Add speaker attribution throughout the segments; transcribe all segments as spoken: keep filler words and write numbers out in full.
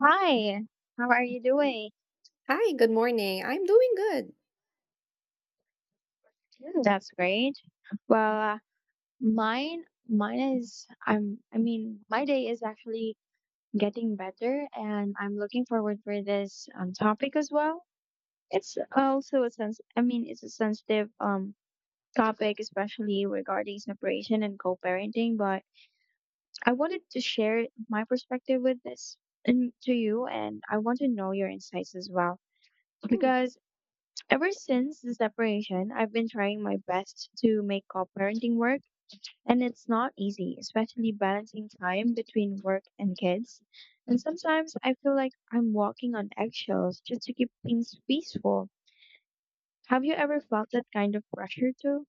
Speaker 1: Hi, how are you
Speaker 2: Mm.
Speaker 1: doing?
Speaker 2: Hi, good morning. I'm doing good.
Speaker 1: Mm, that's great. Well, uh, mine, mine is, I'm, I mean, My day is actually getting better, and I'm looking forward for this um, topic as well. It's also a sense, I mean, it's a sensitive um topic, especially regarding separation and co-parenting. But I wanted to share my perspective with this and to you, and I want to know your insights as well
Speaker 2: Mm.
Speaker 1: because ever since the separation, I've been trying my best to make co-parenting work, and it's not easy, especially balancing time between work and kids. And sometimes I feel like I'm walking on eggshells just to keep things peaceful. Have you ever felt that kind of pressure too?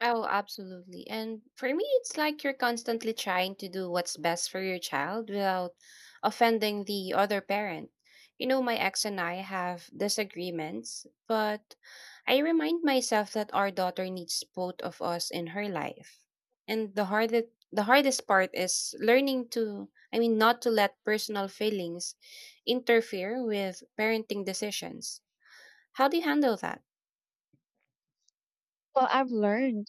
Speaker 2: Oh, absolutely. And for me, it's like you're constantly trying to do what's best for your child without offending the other parent. You know, my ex and I have disagreements, but I remind myself that our daughter needs both of us in her life. And the hardest the hardest part is learning to, I mean, not to let personal feelings interfere with parenting decisions. How do you handle that?
Speaker 1: Well, I've learned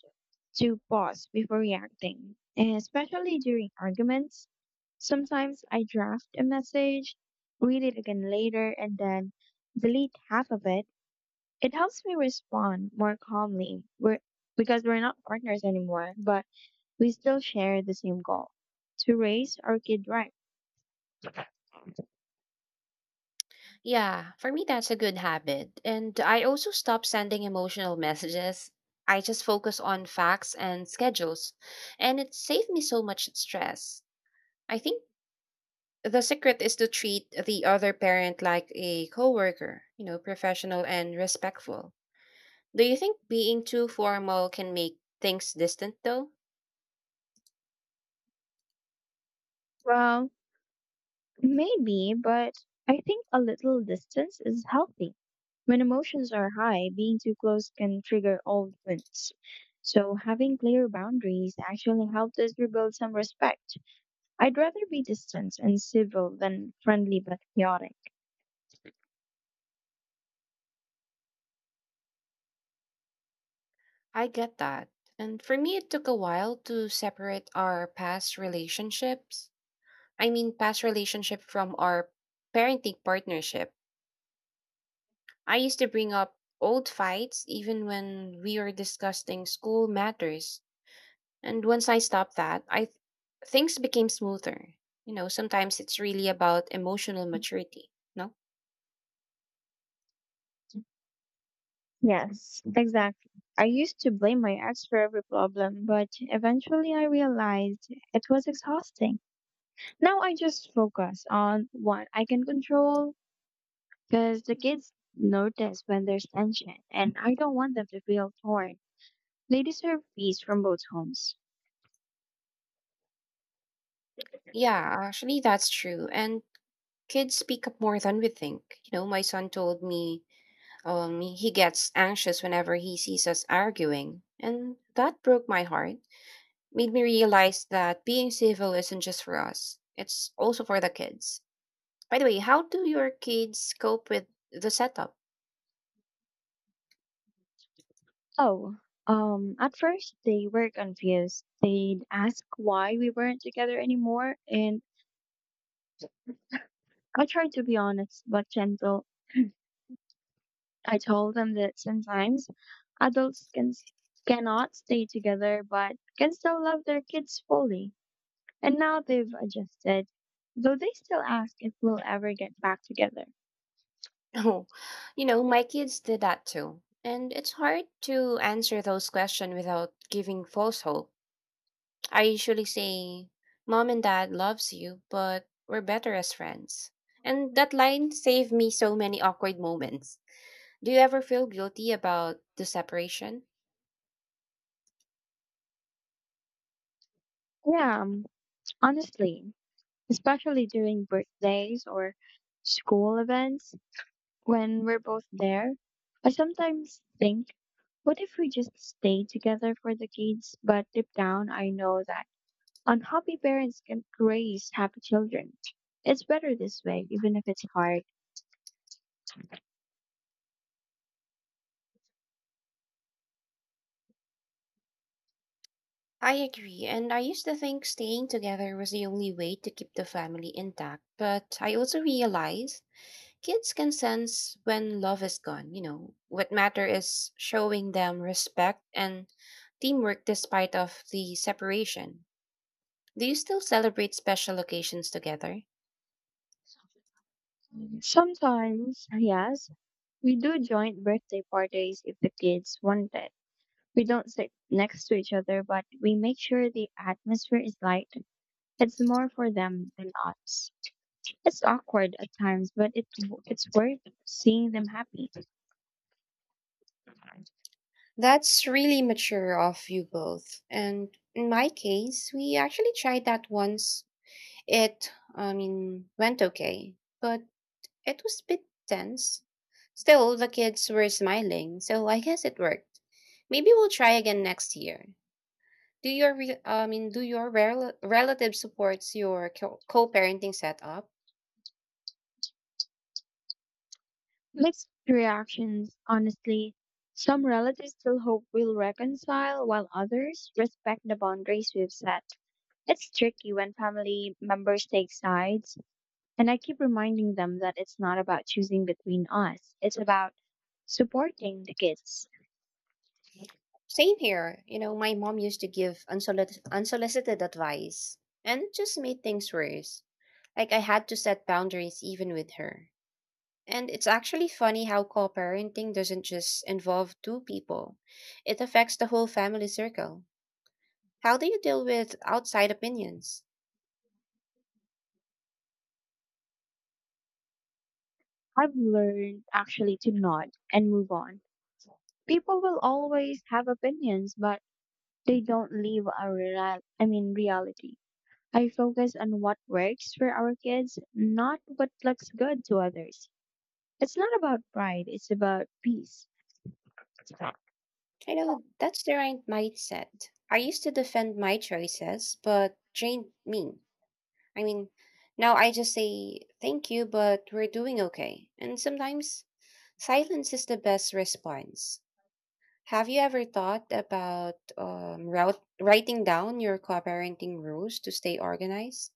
Speaker 1: to pause before reacting, and especially during arguments. Sometimes I draft a message, read it again later, and then delete half of it. It helps me respond more calmly. We're, because we're not partners anymore, but we still share the same goal to raise our kid right.
Speaker 2: Yeah, for me, that's a good habit. And I also stop sending emotional messages. I just focus on facts and schedules, and it saved me so much stress. I think the secret is to treat the other parent like a coworker, you know, professional and respectful. Do you think being too formal can make things distant, though?
Speaker 1: Well, maybe, but I think a little distance is healthy. When emotions are high, being too close can trigger old wounds. So, having clear boundaries actually helped us rebuild some respect. I'd rather be distant and civil than friendly but chaotic.
Speaker 2: I get that. And for me, it took a while to separate our past relationships I mean past relationship from our parenting partnership. I used to bring up old fights even when we were discussing school matters. And once I stopped that, I th- things became smoother. You know, sometimes it's really about emotional maturity, no?
Speaker 1: Yes, exactly. I used to blame my ex for every problem, but eventually I realized it was exhausting. Now I just focus on what I can control because the kids notice when there's tension and I don't want them to feel torn. They deserve peace from both homes.
Speaker 2: Yeah, actually that's true. And kids speak up more than we think. You know, my son told me um he gets anxious whenever he sees us arguing, and that broke my heart made me realize that being civil isn't just for us, it's also for the kids. By the way, how do your kids cope with the setup?
Speaker 1: Oh, um, at first they were confused. They'd ask why we weren't together anymore and I tried to be honest but gentle. I told them that sometimes adults can s- cannot stay together but can still love their kids fully. And now they've adjusted, though they still ask if we'll ever get back together.
Speaker 2: Oh, you know, my kids did that too. And it's hard to answer those questions without giving false hope. I usually say, Mom and Dad loves you, but we're better as friends. And that line saved me so many awkward moments. Do you ever feel guilty about the separation?
Speaker 1: Yeah, um, honestly, especially during birthdays or school events when we're both there, I sometimes think, what if we just stay together for the kids? But deep down, I know that unhappy parents can raise happy children. It's better this way, even if it's hard.
Speaker 2: I agree, and I used to think staying together was the only way to keep the family intact, but I also realized kids can sense when love is gone, you know. What matter is showing them respect and teamwork despite of the separation. Do you still celebrate special occasions together?
Speaker 1: Sometimes, yes, we do joint birthday parties if the kids want it. We don't sit next to each other, but we make sure the atmosphere is light. It's more for them than us. It's awkward at times, but it, it's worth seeing them happy.
Speaker 2: That's really mature of you both. And in my case, we actually tried that once. It, I mean, went okay. But it was a bit tense. Still, the kids were smiling, so I guess it worked. Maybe we'll try again next year. Do your re- I mean, do your rel- relative supports your co- co-parenting setup?
Speaker 1: Mixed reactions, honestly. Some relatives still hope we'll reconcile, while others respect the boundaries we've set. It's tricky when family members take sides, and I keep reminding them that it's not about choosing between us, it's about supporting the kids.
Speaker 2: Same here. You know, my mom used to give unsolicited, unsolicited advice, and it just made things worse. Like I had to set boundaries even with her. And it's actually funny how co-parenting doesn't just involve two people; it affects the whole family circle. How do you deal with outside opinions?
Speaker 1: I've learned actually to nod and move on. People will always have opinions, but they don't leave our real, I mean reality. I focus on what works for our kids, not what looks good to others. It's not about pride, it's about peace.
Speaker 2: I
Speaker 1: Yeah.
Speaker 2: know that's the right mindset. I used to defend my choices, but drained me. I mean, now I just say thank you, but we're doing okay. And sometimes silence is the best response. Have you ever thought about um, route, writing down your co-parenting rules to stay organized?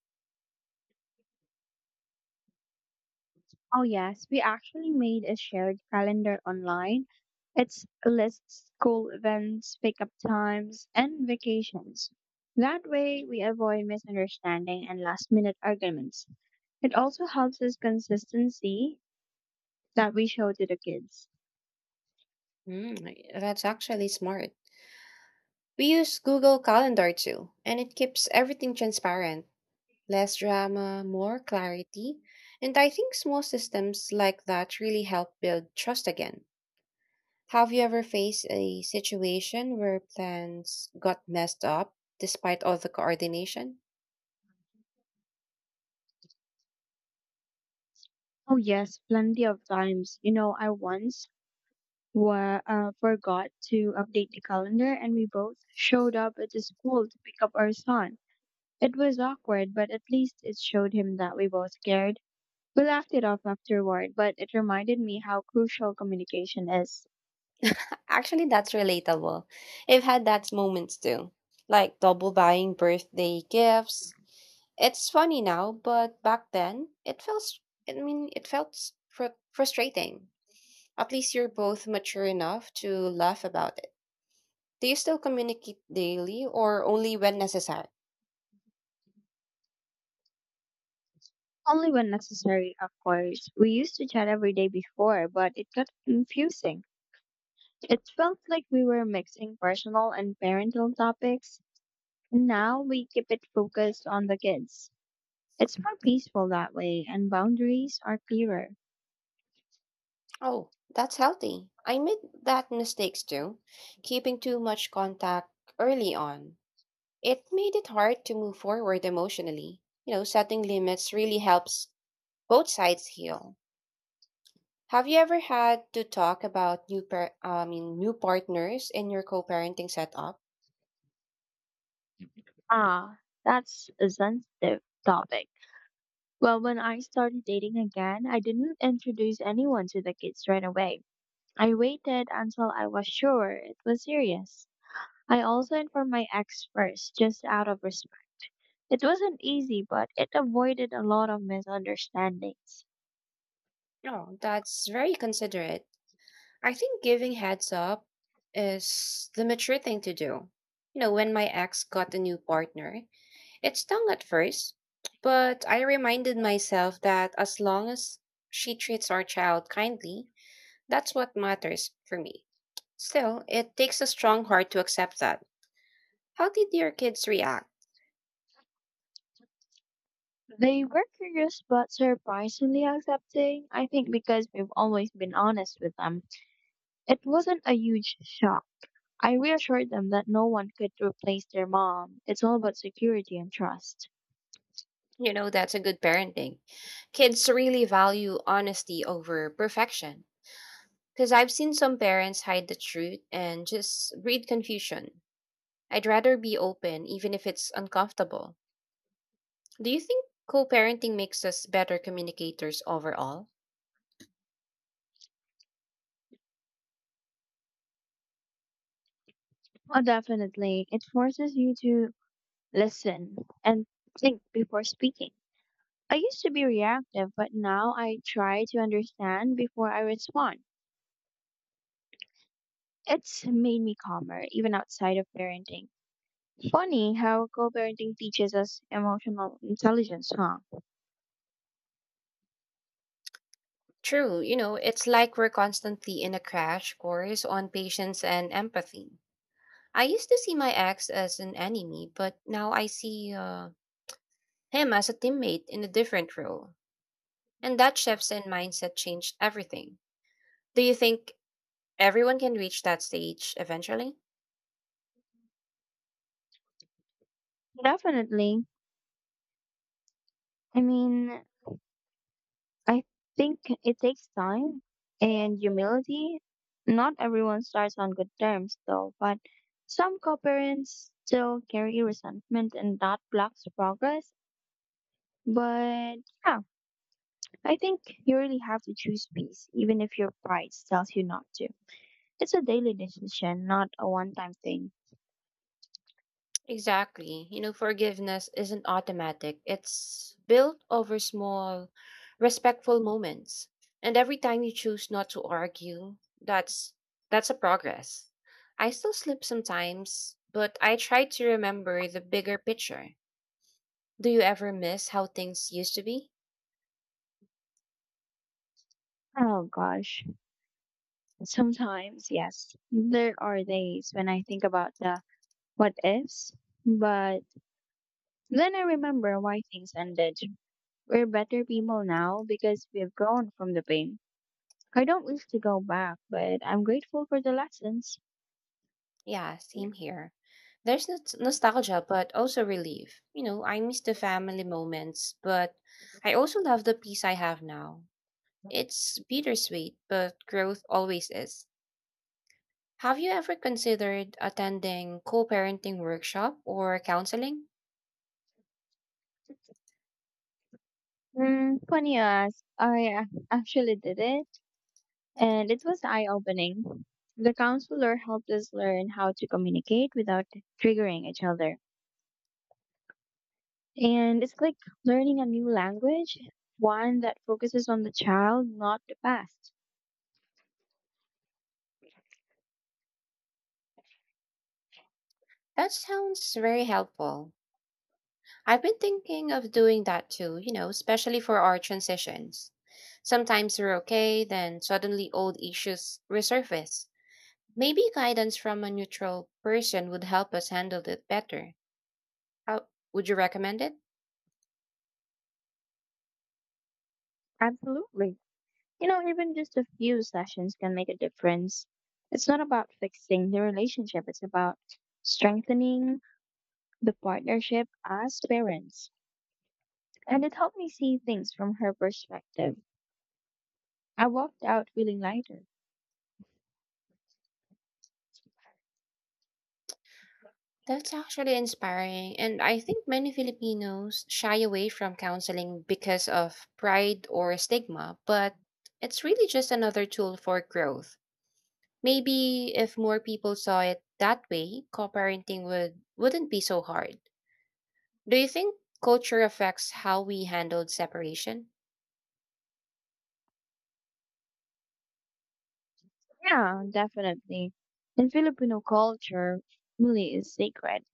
Speaker 1: Oh, yes, we actually made a shared calendar online. It's lists school events, pickup times, and vacations. That way, we avoid misunderstanding and last minute arguments. It also helps us consistency that we show to the kids.
Speaker 2: Mm, that's actually smart. We use Google Calendar too, and it keeps everything transparent. Less drama, more clarity. And I think small systems like that really help build trust again. Have you ever faced a situation where plans got messed up despite all the coordination?
Speaker 1: Oh, yes, plenty of times. You know, I once wa- uh, forgot to update the calendar and we both showed up at the school to pick up our son. It was awkward, but at least it showed him that we both cared. We laughed it off afterward, but it reminded me how crucial communication is.
Speaker 2: Actually, that's relatable. I've had that moments too, like double buying birthday gifts. It's funny now, but back then it felt, s- I mean, it felt s- fr- frustrating. At least you're both mature enough to laugh about it. Do you still communicate daily or only when necessary?
Speaker 1: Only when necessary, of course. We used to chat every day before, but it got confusing. It felt like we were mixing personal and parental topics. Now we keep it focused on the kids. It's more peaceful that way, and boundaries are clearer.
Speaker 2: Oh, that's healthy. I made that mistakes too, keeping too much contact early on. It made it hard to move forward emotionally. You know, setting limits really helps both sides heal. Have you ever had to talk about new par- I mean new partners in your co-parenting setup?
Speaker 1: Ah, that's a sensitive topic. Well, when I started dating again, I didn't introduce anyone to the kids right away. I waited until I was sure it was serious. I also informed my ex first, just out of respect. It wasn't easy, but it avoided a lot of misunderstandings.
Speaker 2: Oh, that's very considerate. I think giving heads up is the mature thing to do. You know, when my ex got a new partner, it stung at first, but I reminded myself that as long as she treats our child kindly, that's what matters for me. Still, it takes a strong heart to accept that. How did your kids react?
Speaker 1: They were curious but surprisingly accepting, I think because we've always been honest with them. It wasn't a huge shock. I reassured them that no one could replace their mom. It's all about security and trust.
Speaker 2: You know, that's a good parenting. Kids really value honesty over perfection. Because I've seen some parents hide the truth and just breed confusion. I'd rather be open, even if it's uncomfortable. Do you think co parenting makes us better communicators overall?
Speaker 1: Oh, definitely. It forces you to listen and think before speaking. I used to be reactive, but now I try to understand before I respond. It's made me calmer, even outside of parenting. Funny how co parenting teaches us emotional intelligence, huh?
Speaker 2: True, you know, it's like we're constantly in a crash course on patience and empathy. I used to see my ex as an enemy, but now I see uh, him as a teammate in a different role. And that shifts in mindset changed everything. Do you think everyone can reach that stage eventually?
Speaker 1: Definitely. I mean, I think it takes time and humility. Not everyone starts on good terms, though, but some co-parents still carry resentment and that blocks progress. But yeah, I think you really have to choose peace, even if your pride tells you not to. It's a daily decision, not a one-time thing.
Speaker 2: Exactly. You know, forgiveness isn't automatic. It's built over small, respectful moments. And every time you choose not to argue, that's that's a progress. I still slip sometimes, but I try to remember the bigger picture. Do you ever miss how things used to be?
Speaker 1: Oh gosh, sometimes, yes, there are days when I think about the what ifs, but then I remember why things ended. We're better people now because we've grown from the pain. I don't wish to go back, but I'm grateful for the lessons.
Speaker 2: Yeah, same here. There's no- nostalgia, but also relief. You know, I miss the family moments, but I also love the peace I have now. It's bittersweet, but growth always is. Have you ever considered attending co parenting workshop or counseling?
Speaker 1: Hmm, funny you ask. I uh, actually did it, and it was eye opening. The counselor helped us learn how to communicate without triggering each other. And it's like learning a new language, one that focuses on the child, not the past.
Speaker 2: That sounds very helpful. I've been thinking of doing that too, you know, especially for our transitions. Sometimes we're okay, then suddenly old issues resurface. Maybe guidance from a neutral person would help us handle it better. How would you recommend it?
Speaker 1: Absolutely. You know, even just a few sessions can make a difference. It's not about fixing the relationship, it's about strengthening the partnership as parents. And it helped me see things from her perspective. I walked out feeling lighter.
Speaker 2: That's actually inspiring. And I think many Filipinos shy away from counseling because of pride or stigma, but it's really just another tool for growth. Maybe if more people saw it that way, co-parenting would wouldn't be so hard. Do you think culture affects how we handled separation?
Speaker 1: Yeah, definitely. In Filipino culture, family is sacred,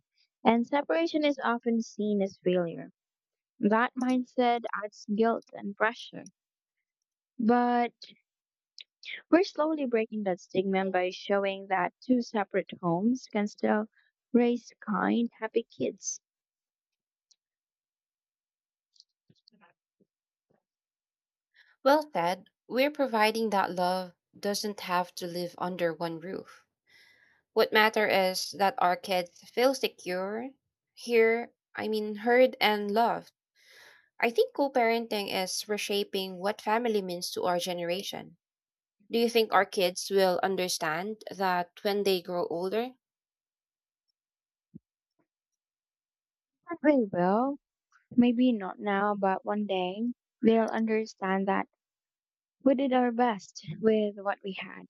Speaker 1: and separation is often seen as failure. That mindset adds guilt and pressure. But we're slowly breaking that stigma by showing that two separate homes can still raise kind, happy kids.
Speaker 2: Well, Ted, we're providing that love doesn't have to live under one roof. What matter is that our kids feel secure, hear, I mean, heard and loved. I think co-parenting is reshaping what family means to our generation. Do you think our kids will understand that when they grow older?
Speaker 1: They will. Maybe not now, but one day they'll understand that we did our best with what we had.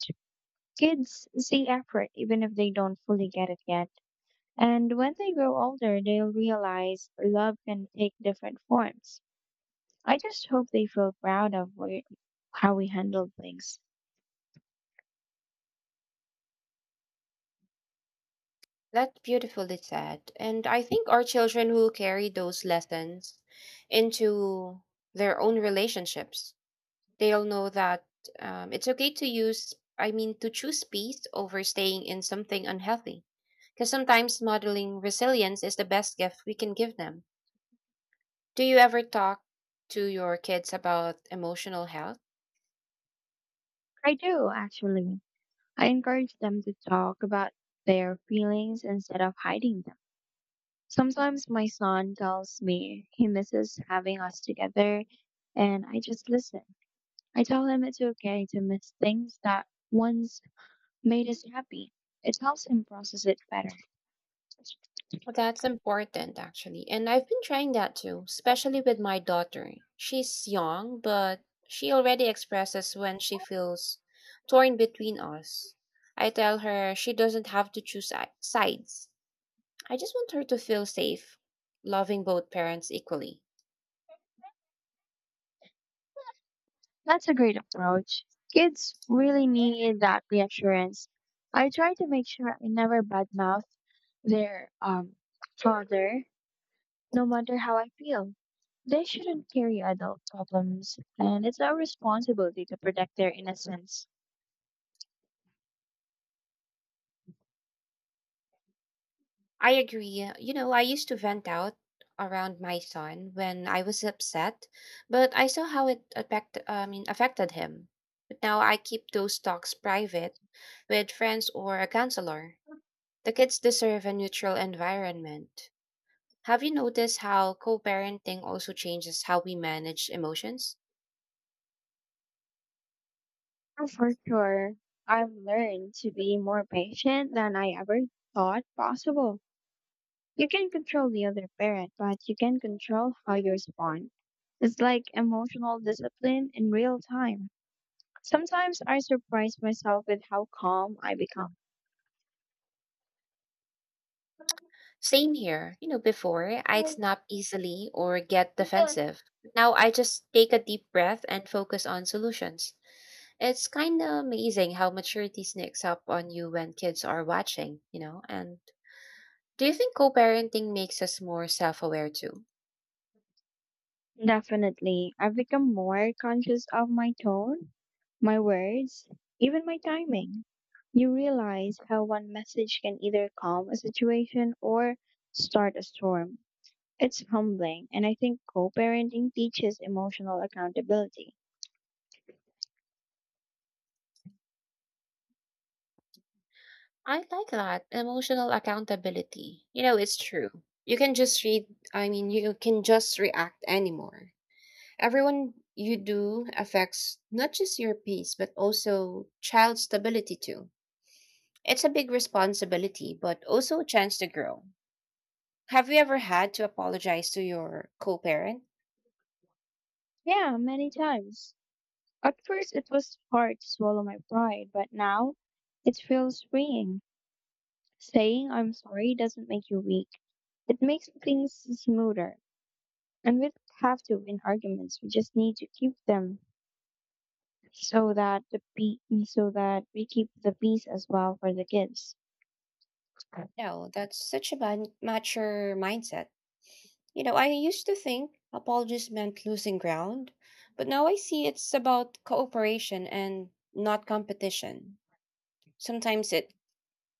Speaker 1: Kids see effort even if they don't fully get it yet. And when they grow older, they'll realize love can take different forms. I just hope they feel proud of where, how we handle things.
Speaker 2: That's beautifully said. And I think our children will carry those lessons into their own relationships. They'll know that um, it's okay to use I mean to choose peace over staying in something unhealthy because sometimes modeling resilience is the best gift we can give them. Do you ever talk to your kids about emotional health?
Speaker 1: I do, actually. I encourage them to talk about their feelings instead of hiding them. Sometimes my son tells me he misses having us together, and I just listen. I tell him it's okay to miss things that once made us happy. It helps him process it better.
Speaker 2: Well, that's important actually. And I've been trying that too, especially with my daughter. She's young but she already expresses when she feels torn between us. I tell her she doesn't have to choose si- sides. I just want her to feel safe, loving both parents equally.
Speaker 1: That's a great approach. Kids really need that reassurance. I try to make sure I never badmouth their um, father no matter how I feel. They shouldn't carry adult problems, and it's our responsibility to protect their innocence.
Speaker 2: I agree. You know, I used to vent out around my son when I was upset, but I saw how it affect, I mean, affected him. But now I keep those talks private with friends or a counselor. The kids deserve a neutral environment. Have you noticed how co parenting also changes how we manage emotions?
Speaker 1: Oh, for sure, I've learned to be more patient than I ever thought possible. You can control the other parent, but you can control how you respond. It's like emotional discipline in real time. Sometimes I surprise myself with how calm I become.
Speaker 2: Same here. You know, before I'd snap easily or get defensive. Now I just take a deep breath and focus on solutions. It's kind of amazing how maturity sneaks up on you when kids are watching, you know? And do you think co parenting makes us more self aware too?
Speaker 1: Definitely, I've become more conscious of my tone. My words, Even my timing. You realize how one message can either calm a situation or start a storm. It's humbling, and I think co parenting teaches emotional accountability.
Speaker 2: I like that emotional accountability. You know, it's true. You can just read, I mean, you can just react anymore. Everyone you do affects not just your peace, but also child stability too. It's a big responsibility, but also a chance to grow. Have you ever had to apologize to your co parent?
Speaker 1: Yeah, many times. At first, it was hard to swallow my pride, but now it feels freeing. Saying I'm sorry doesn't make you weak, it makes things smoother. And we don't have to win arguments, we just need to keep them so that the pe- so that we keep the peace as well for the kids.
Speaker 2: No, that's such a man- mature mindset. You know, I used to think apologies meant losing ground, but now I see it's about cooperation and not competition. Sometimes it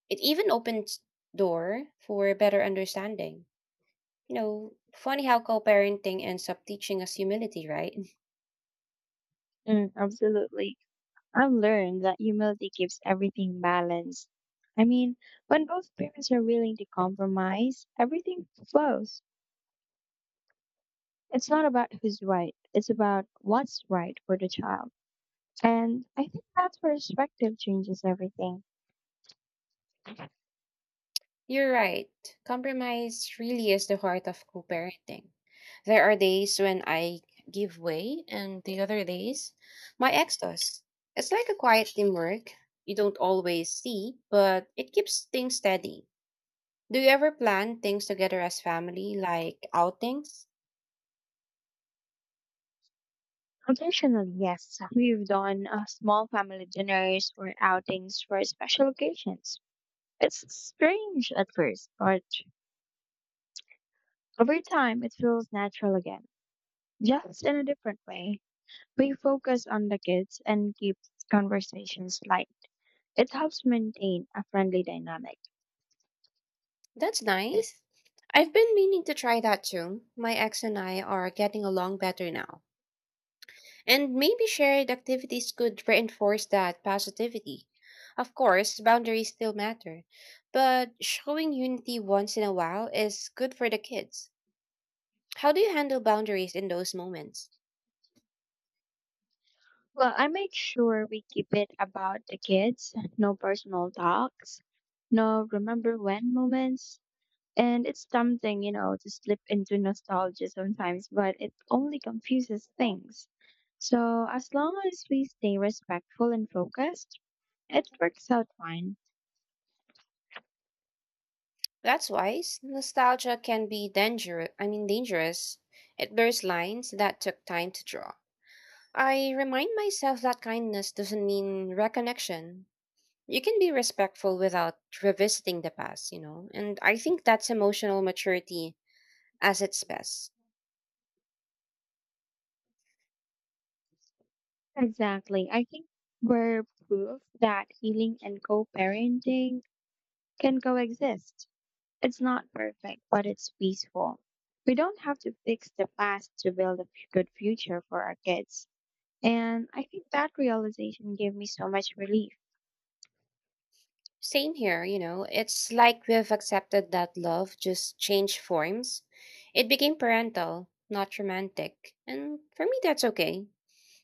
Speaker 2: it even opens door for better understanding. You know, funny how co-parenting ends up teaching us humility, right?
Speaker 1: Mm, absolutely. I've learned that humility keeps everything balanced. I mean, when both parents are willing to compromise, everything flows. It's not about who's right, it's about what's right for the child. And I think that perspective changes everything.
Speaker 2: You're right. Compromise really is the heart of co parenting. There are days when I give way, and the other days, my ex does. It's like a quiet teamwork you don't always see, but it keeps things steady. Do you ever plan things together as family, like outings?
Speaker 1: Occasionally, yes, we've done uh, small family dinners or outings for special occasions. It's strange at first, but over time, it feels natural again, just in a different way. We focus on the kids and keep conversations light. It helps maintain a friendly dynamic.
Speaker 2: That's nice. I've been meaning to try that too. My ex and I are getting along better now. And maybe shared activities could reinforce that positivity. Of course, boundaries still matter, but showing unity once in a while is good for the kids. How do you handle boundaries in those moments?
Speaker 1: Well, I make sure we keep it about the kids, no personal talks, no remember when moments. And it's tempting, you know, to slip into nostalgia sometimes, but it only confuses things. So, as long as we stay respectful and focused, it works out fine.
Speaker 2: That's wise. Nostalgia can be dangerous. I mean, dangerous. It blurs lines that took time to draw. I remind myself that kindness doesn't mean reconnection. You can be respectful without revisiting the past, you know? And I think that's emotional maturity as its best.
Speaker 1: Exactly. I think we're proof that healing and co parenting can coexist. It's not perfect, but it's peaceful. We don't have to fix the past to build a f- good future for our kids. And I think that realization gave me so much relief.
Speaker 2: Same here, you know? It's like we've accepted that love just changed forms. It became parental, not romantic. And for me, that's okay.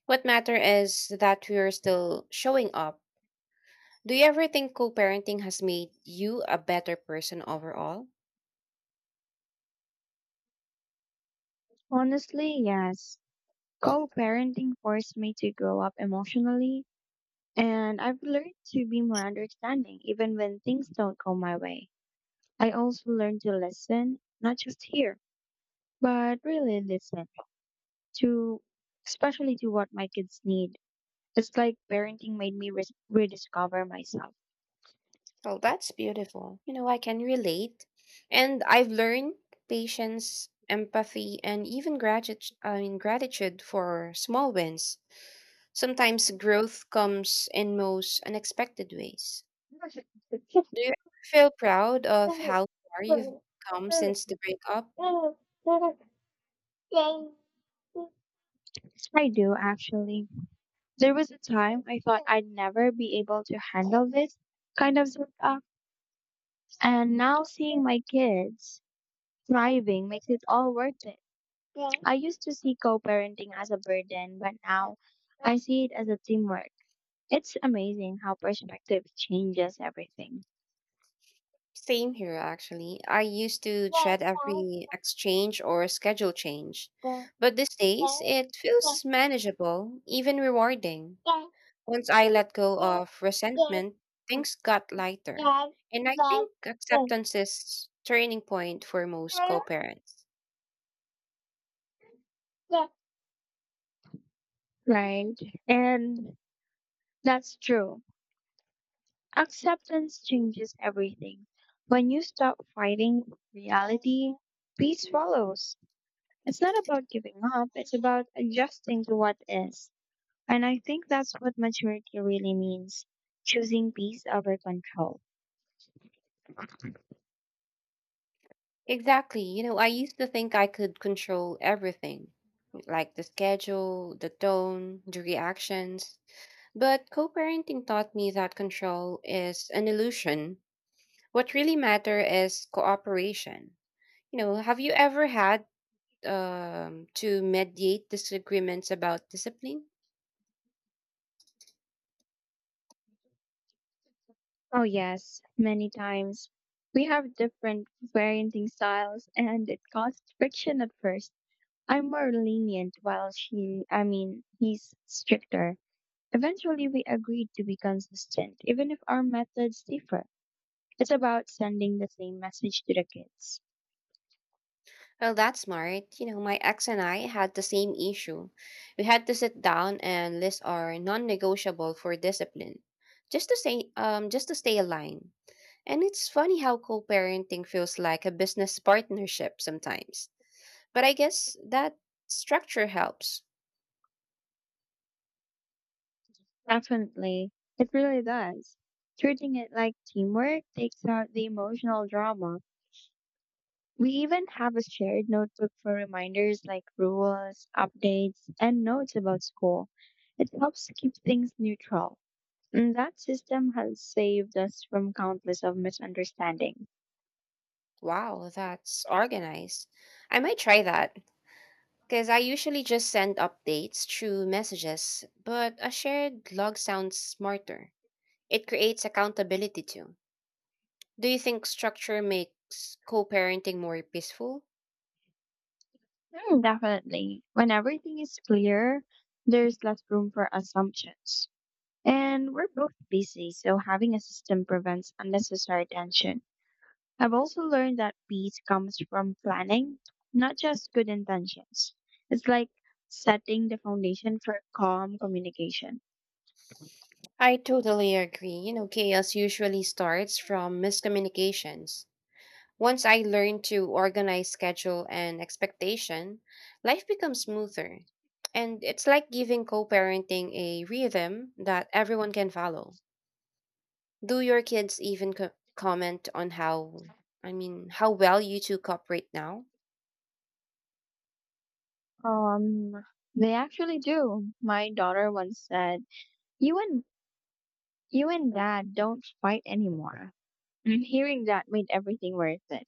Speaker 2: What matter is that we're still showing up. Do you ever think co parenting has made you a better person overall?
Speaker 1: Honestly, yes. Co parenting forced me to grow up emotionally, and I've learned to be more understanding even when things don't go my way. I also learned to listen, not just hear, but really listen to, especially to what my kids need. It's like parenting made me res- rediscover myself.
Speaker 2: Oh, that's beautiful. You know, I can relate. And I've learned patience, empathy, and even gratitude, I mean, gratitude for small wins. Sometimes growth comes in most unexpected ways.
Speaker 1: Yes,
Speaker 2: Do you ever feel proud of how far you've come since the breakup?
Speaker 1: I do actually. There was a time I thought I'd never be able to handle this kind of stuff, and now seeing my kids thriving makes it all worth it. Yeah. I used to see co-parenting as a burden, but now I see it as a teamwork. It's amazing how perspective changes everything.
Speaker 2: Same here, actually. I used to dread every exchange or schedule change, but these days it feels manageable, even rewarding. Once I let go of resentment, things got lighter. And I think acceptance is turning point for most co-parents.
Speaker 1: Right. And that's true. Acceptance changes everything. When you stop fighting reality, peace follows. It's not about giving up, it's about adjusting to what is. And I think that's what maturity really means, choosing peace over control.
Speaker 2: Exactly. You know, I used to think I could control everything, like the schedule, the tone, the reactions. But co parenting taught me that control is an illusion. What really matter is cooperation. You know, have you ever had um, to mediate disagreements about discipline?
Speaker 1: Oh, yes, many times we have different parenting styles, and it caused friction at first. I'm more lenient while she, I mean, he's stricter. Eventually, we agreed to be consistent, even if our methods differ. It's about sending the same message to the kids.
Speaker 2: Well, that's smart. You know, my ex and I had the same issue. We had to sit down and list our non-negotiable for discipline, just to say, um, just to stay aligned. And it's funny how co-parenting feels like a business partnership sometimes. But I guess that structure helps.
Speaker 1: Definitely. It really does. Treating it like teamwork takes out the emotional drama. We even have a shared notebook for reminders like rules, updates, and notes about school. It helps to keep things neutral. And that system has saved us from countless of misunderstandings.
Speaker 2: Wow, that's organized. I might try that. Because I usually just send updates through messages, but a shared log sounds smarter. It creates accountability too. Do you think structure makes co parenting more peaceful?
Speaker 1: Mm, definitely. When everything is clear, there's less room for assumptions. And we're both busy, so having a system prevents unnecessary tension. I've also learned that peace comes from planning, not just good intentions. It's like setting the foundation for calm communication.
Speaker 2: I totally agree. You know, chaos usually starts from miscommunications. Once I learn to organize schedule and expectation, life becomes smoother. And it's like giving co parenting a rhythm that everyone can follow. Do your kids even co- comment on how, I mean, how well you two cooperate now?
Speaker 1: Um, they actually do. My daughter once said, "You and you and dad don't fight anymore." And hearing that made everything worth it.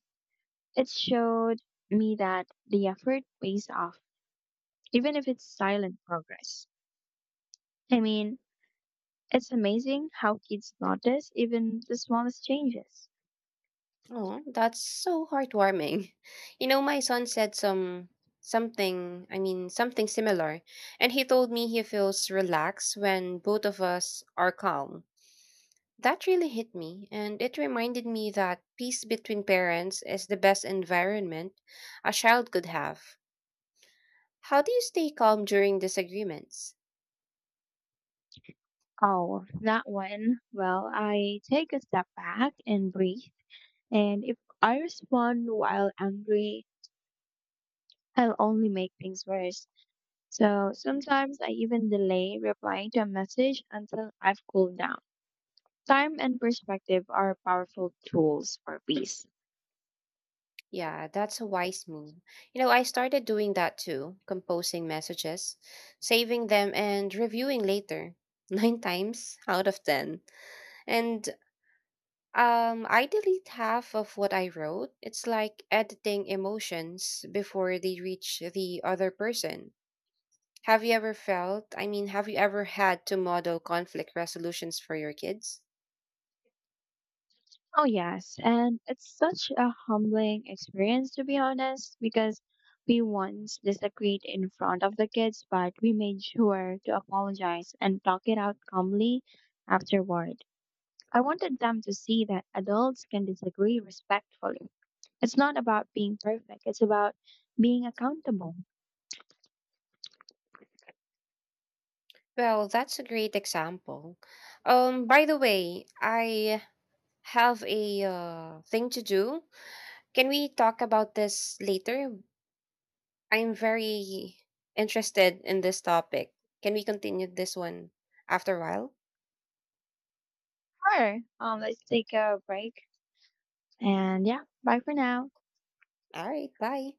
Speaker 1: It showed me that the effort pays off, even if it's silent progress. I mean, it's amazing how kids notice even the smallest changes.
Speaker 2: Oh, that's so heartwarming. You know, my son said some something, I mean, something similar, and he told me he feels relaxed when both of us are calm. That really hit me, and it reminded me that peace between parents is the best environment a child could have. How do you stay calm during disagreements?
Speaker 1: Oh, that one. Well, I take a step back and breathe. And if I respond while angry, I'll only make things worse. So sometimes I even delay replying to a message until I've cooled down. Time and perspective are powerful tools for peace.
Speaker 2: Yeah, that's a wise move. You know, I started doing that too, composing messages, saving them and reviewing later. Nine times out of ten. And um I delete half of what I wrote. It's like editing emotions before they reach the other person. Have you ever felt, I mean, have you ever had to model conflict resolutions for your kids?
Speaker 1: Oh, yes. And it's such a humbling experience, to be honest, because we once disagreed in front of the kids, but we made sure to apologize and talk it out calmly afterward. I wanted them to see that adults can disagree respectfully. It's not about being perfect, it's about being accountable.
Speaker 2: Well, that's a great example. Um, by the way, I have a uh, thing to do. Can we talk about this later? I'm very interested in this topic. Can we continue this one after a while?
Speaker 1: Sure. Um, let's take a break. And yeah, bye for now.
Speaker 2: All right, bye.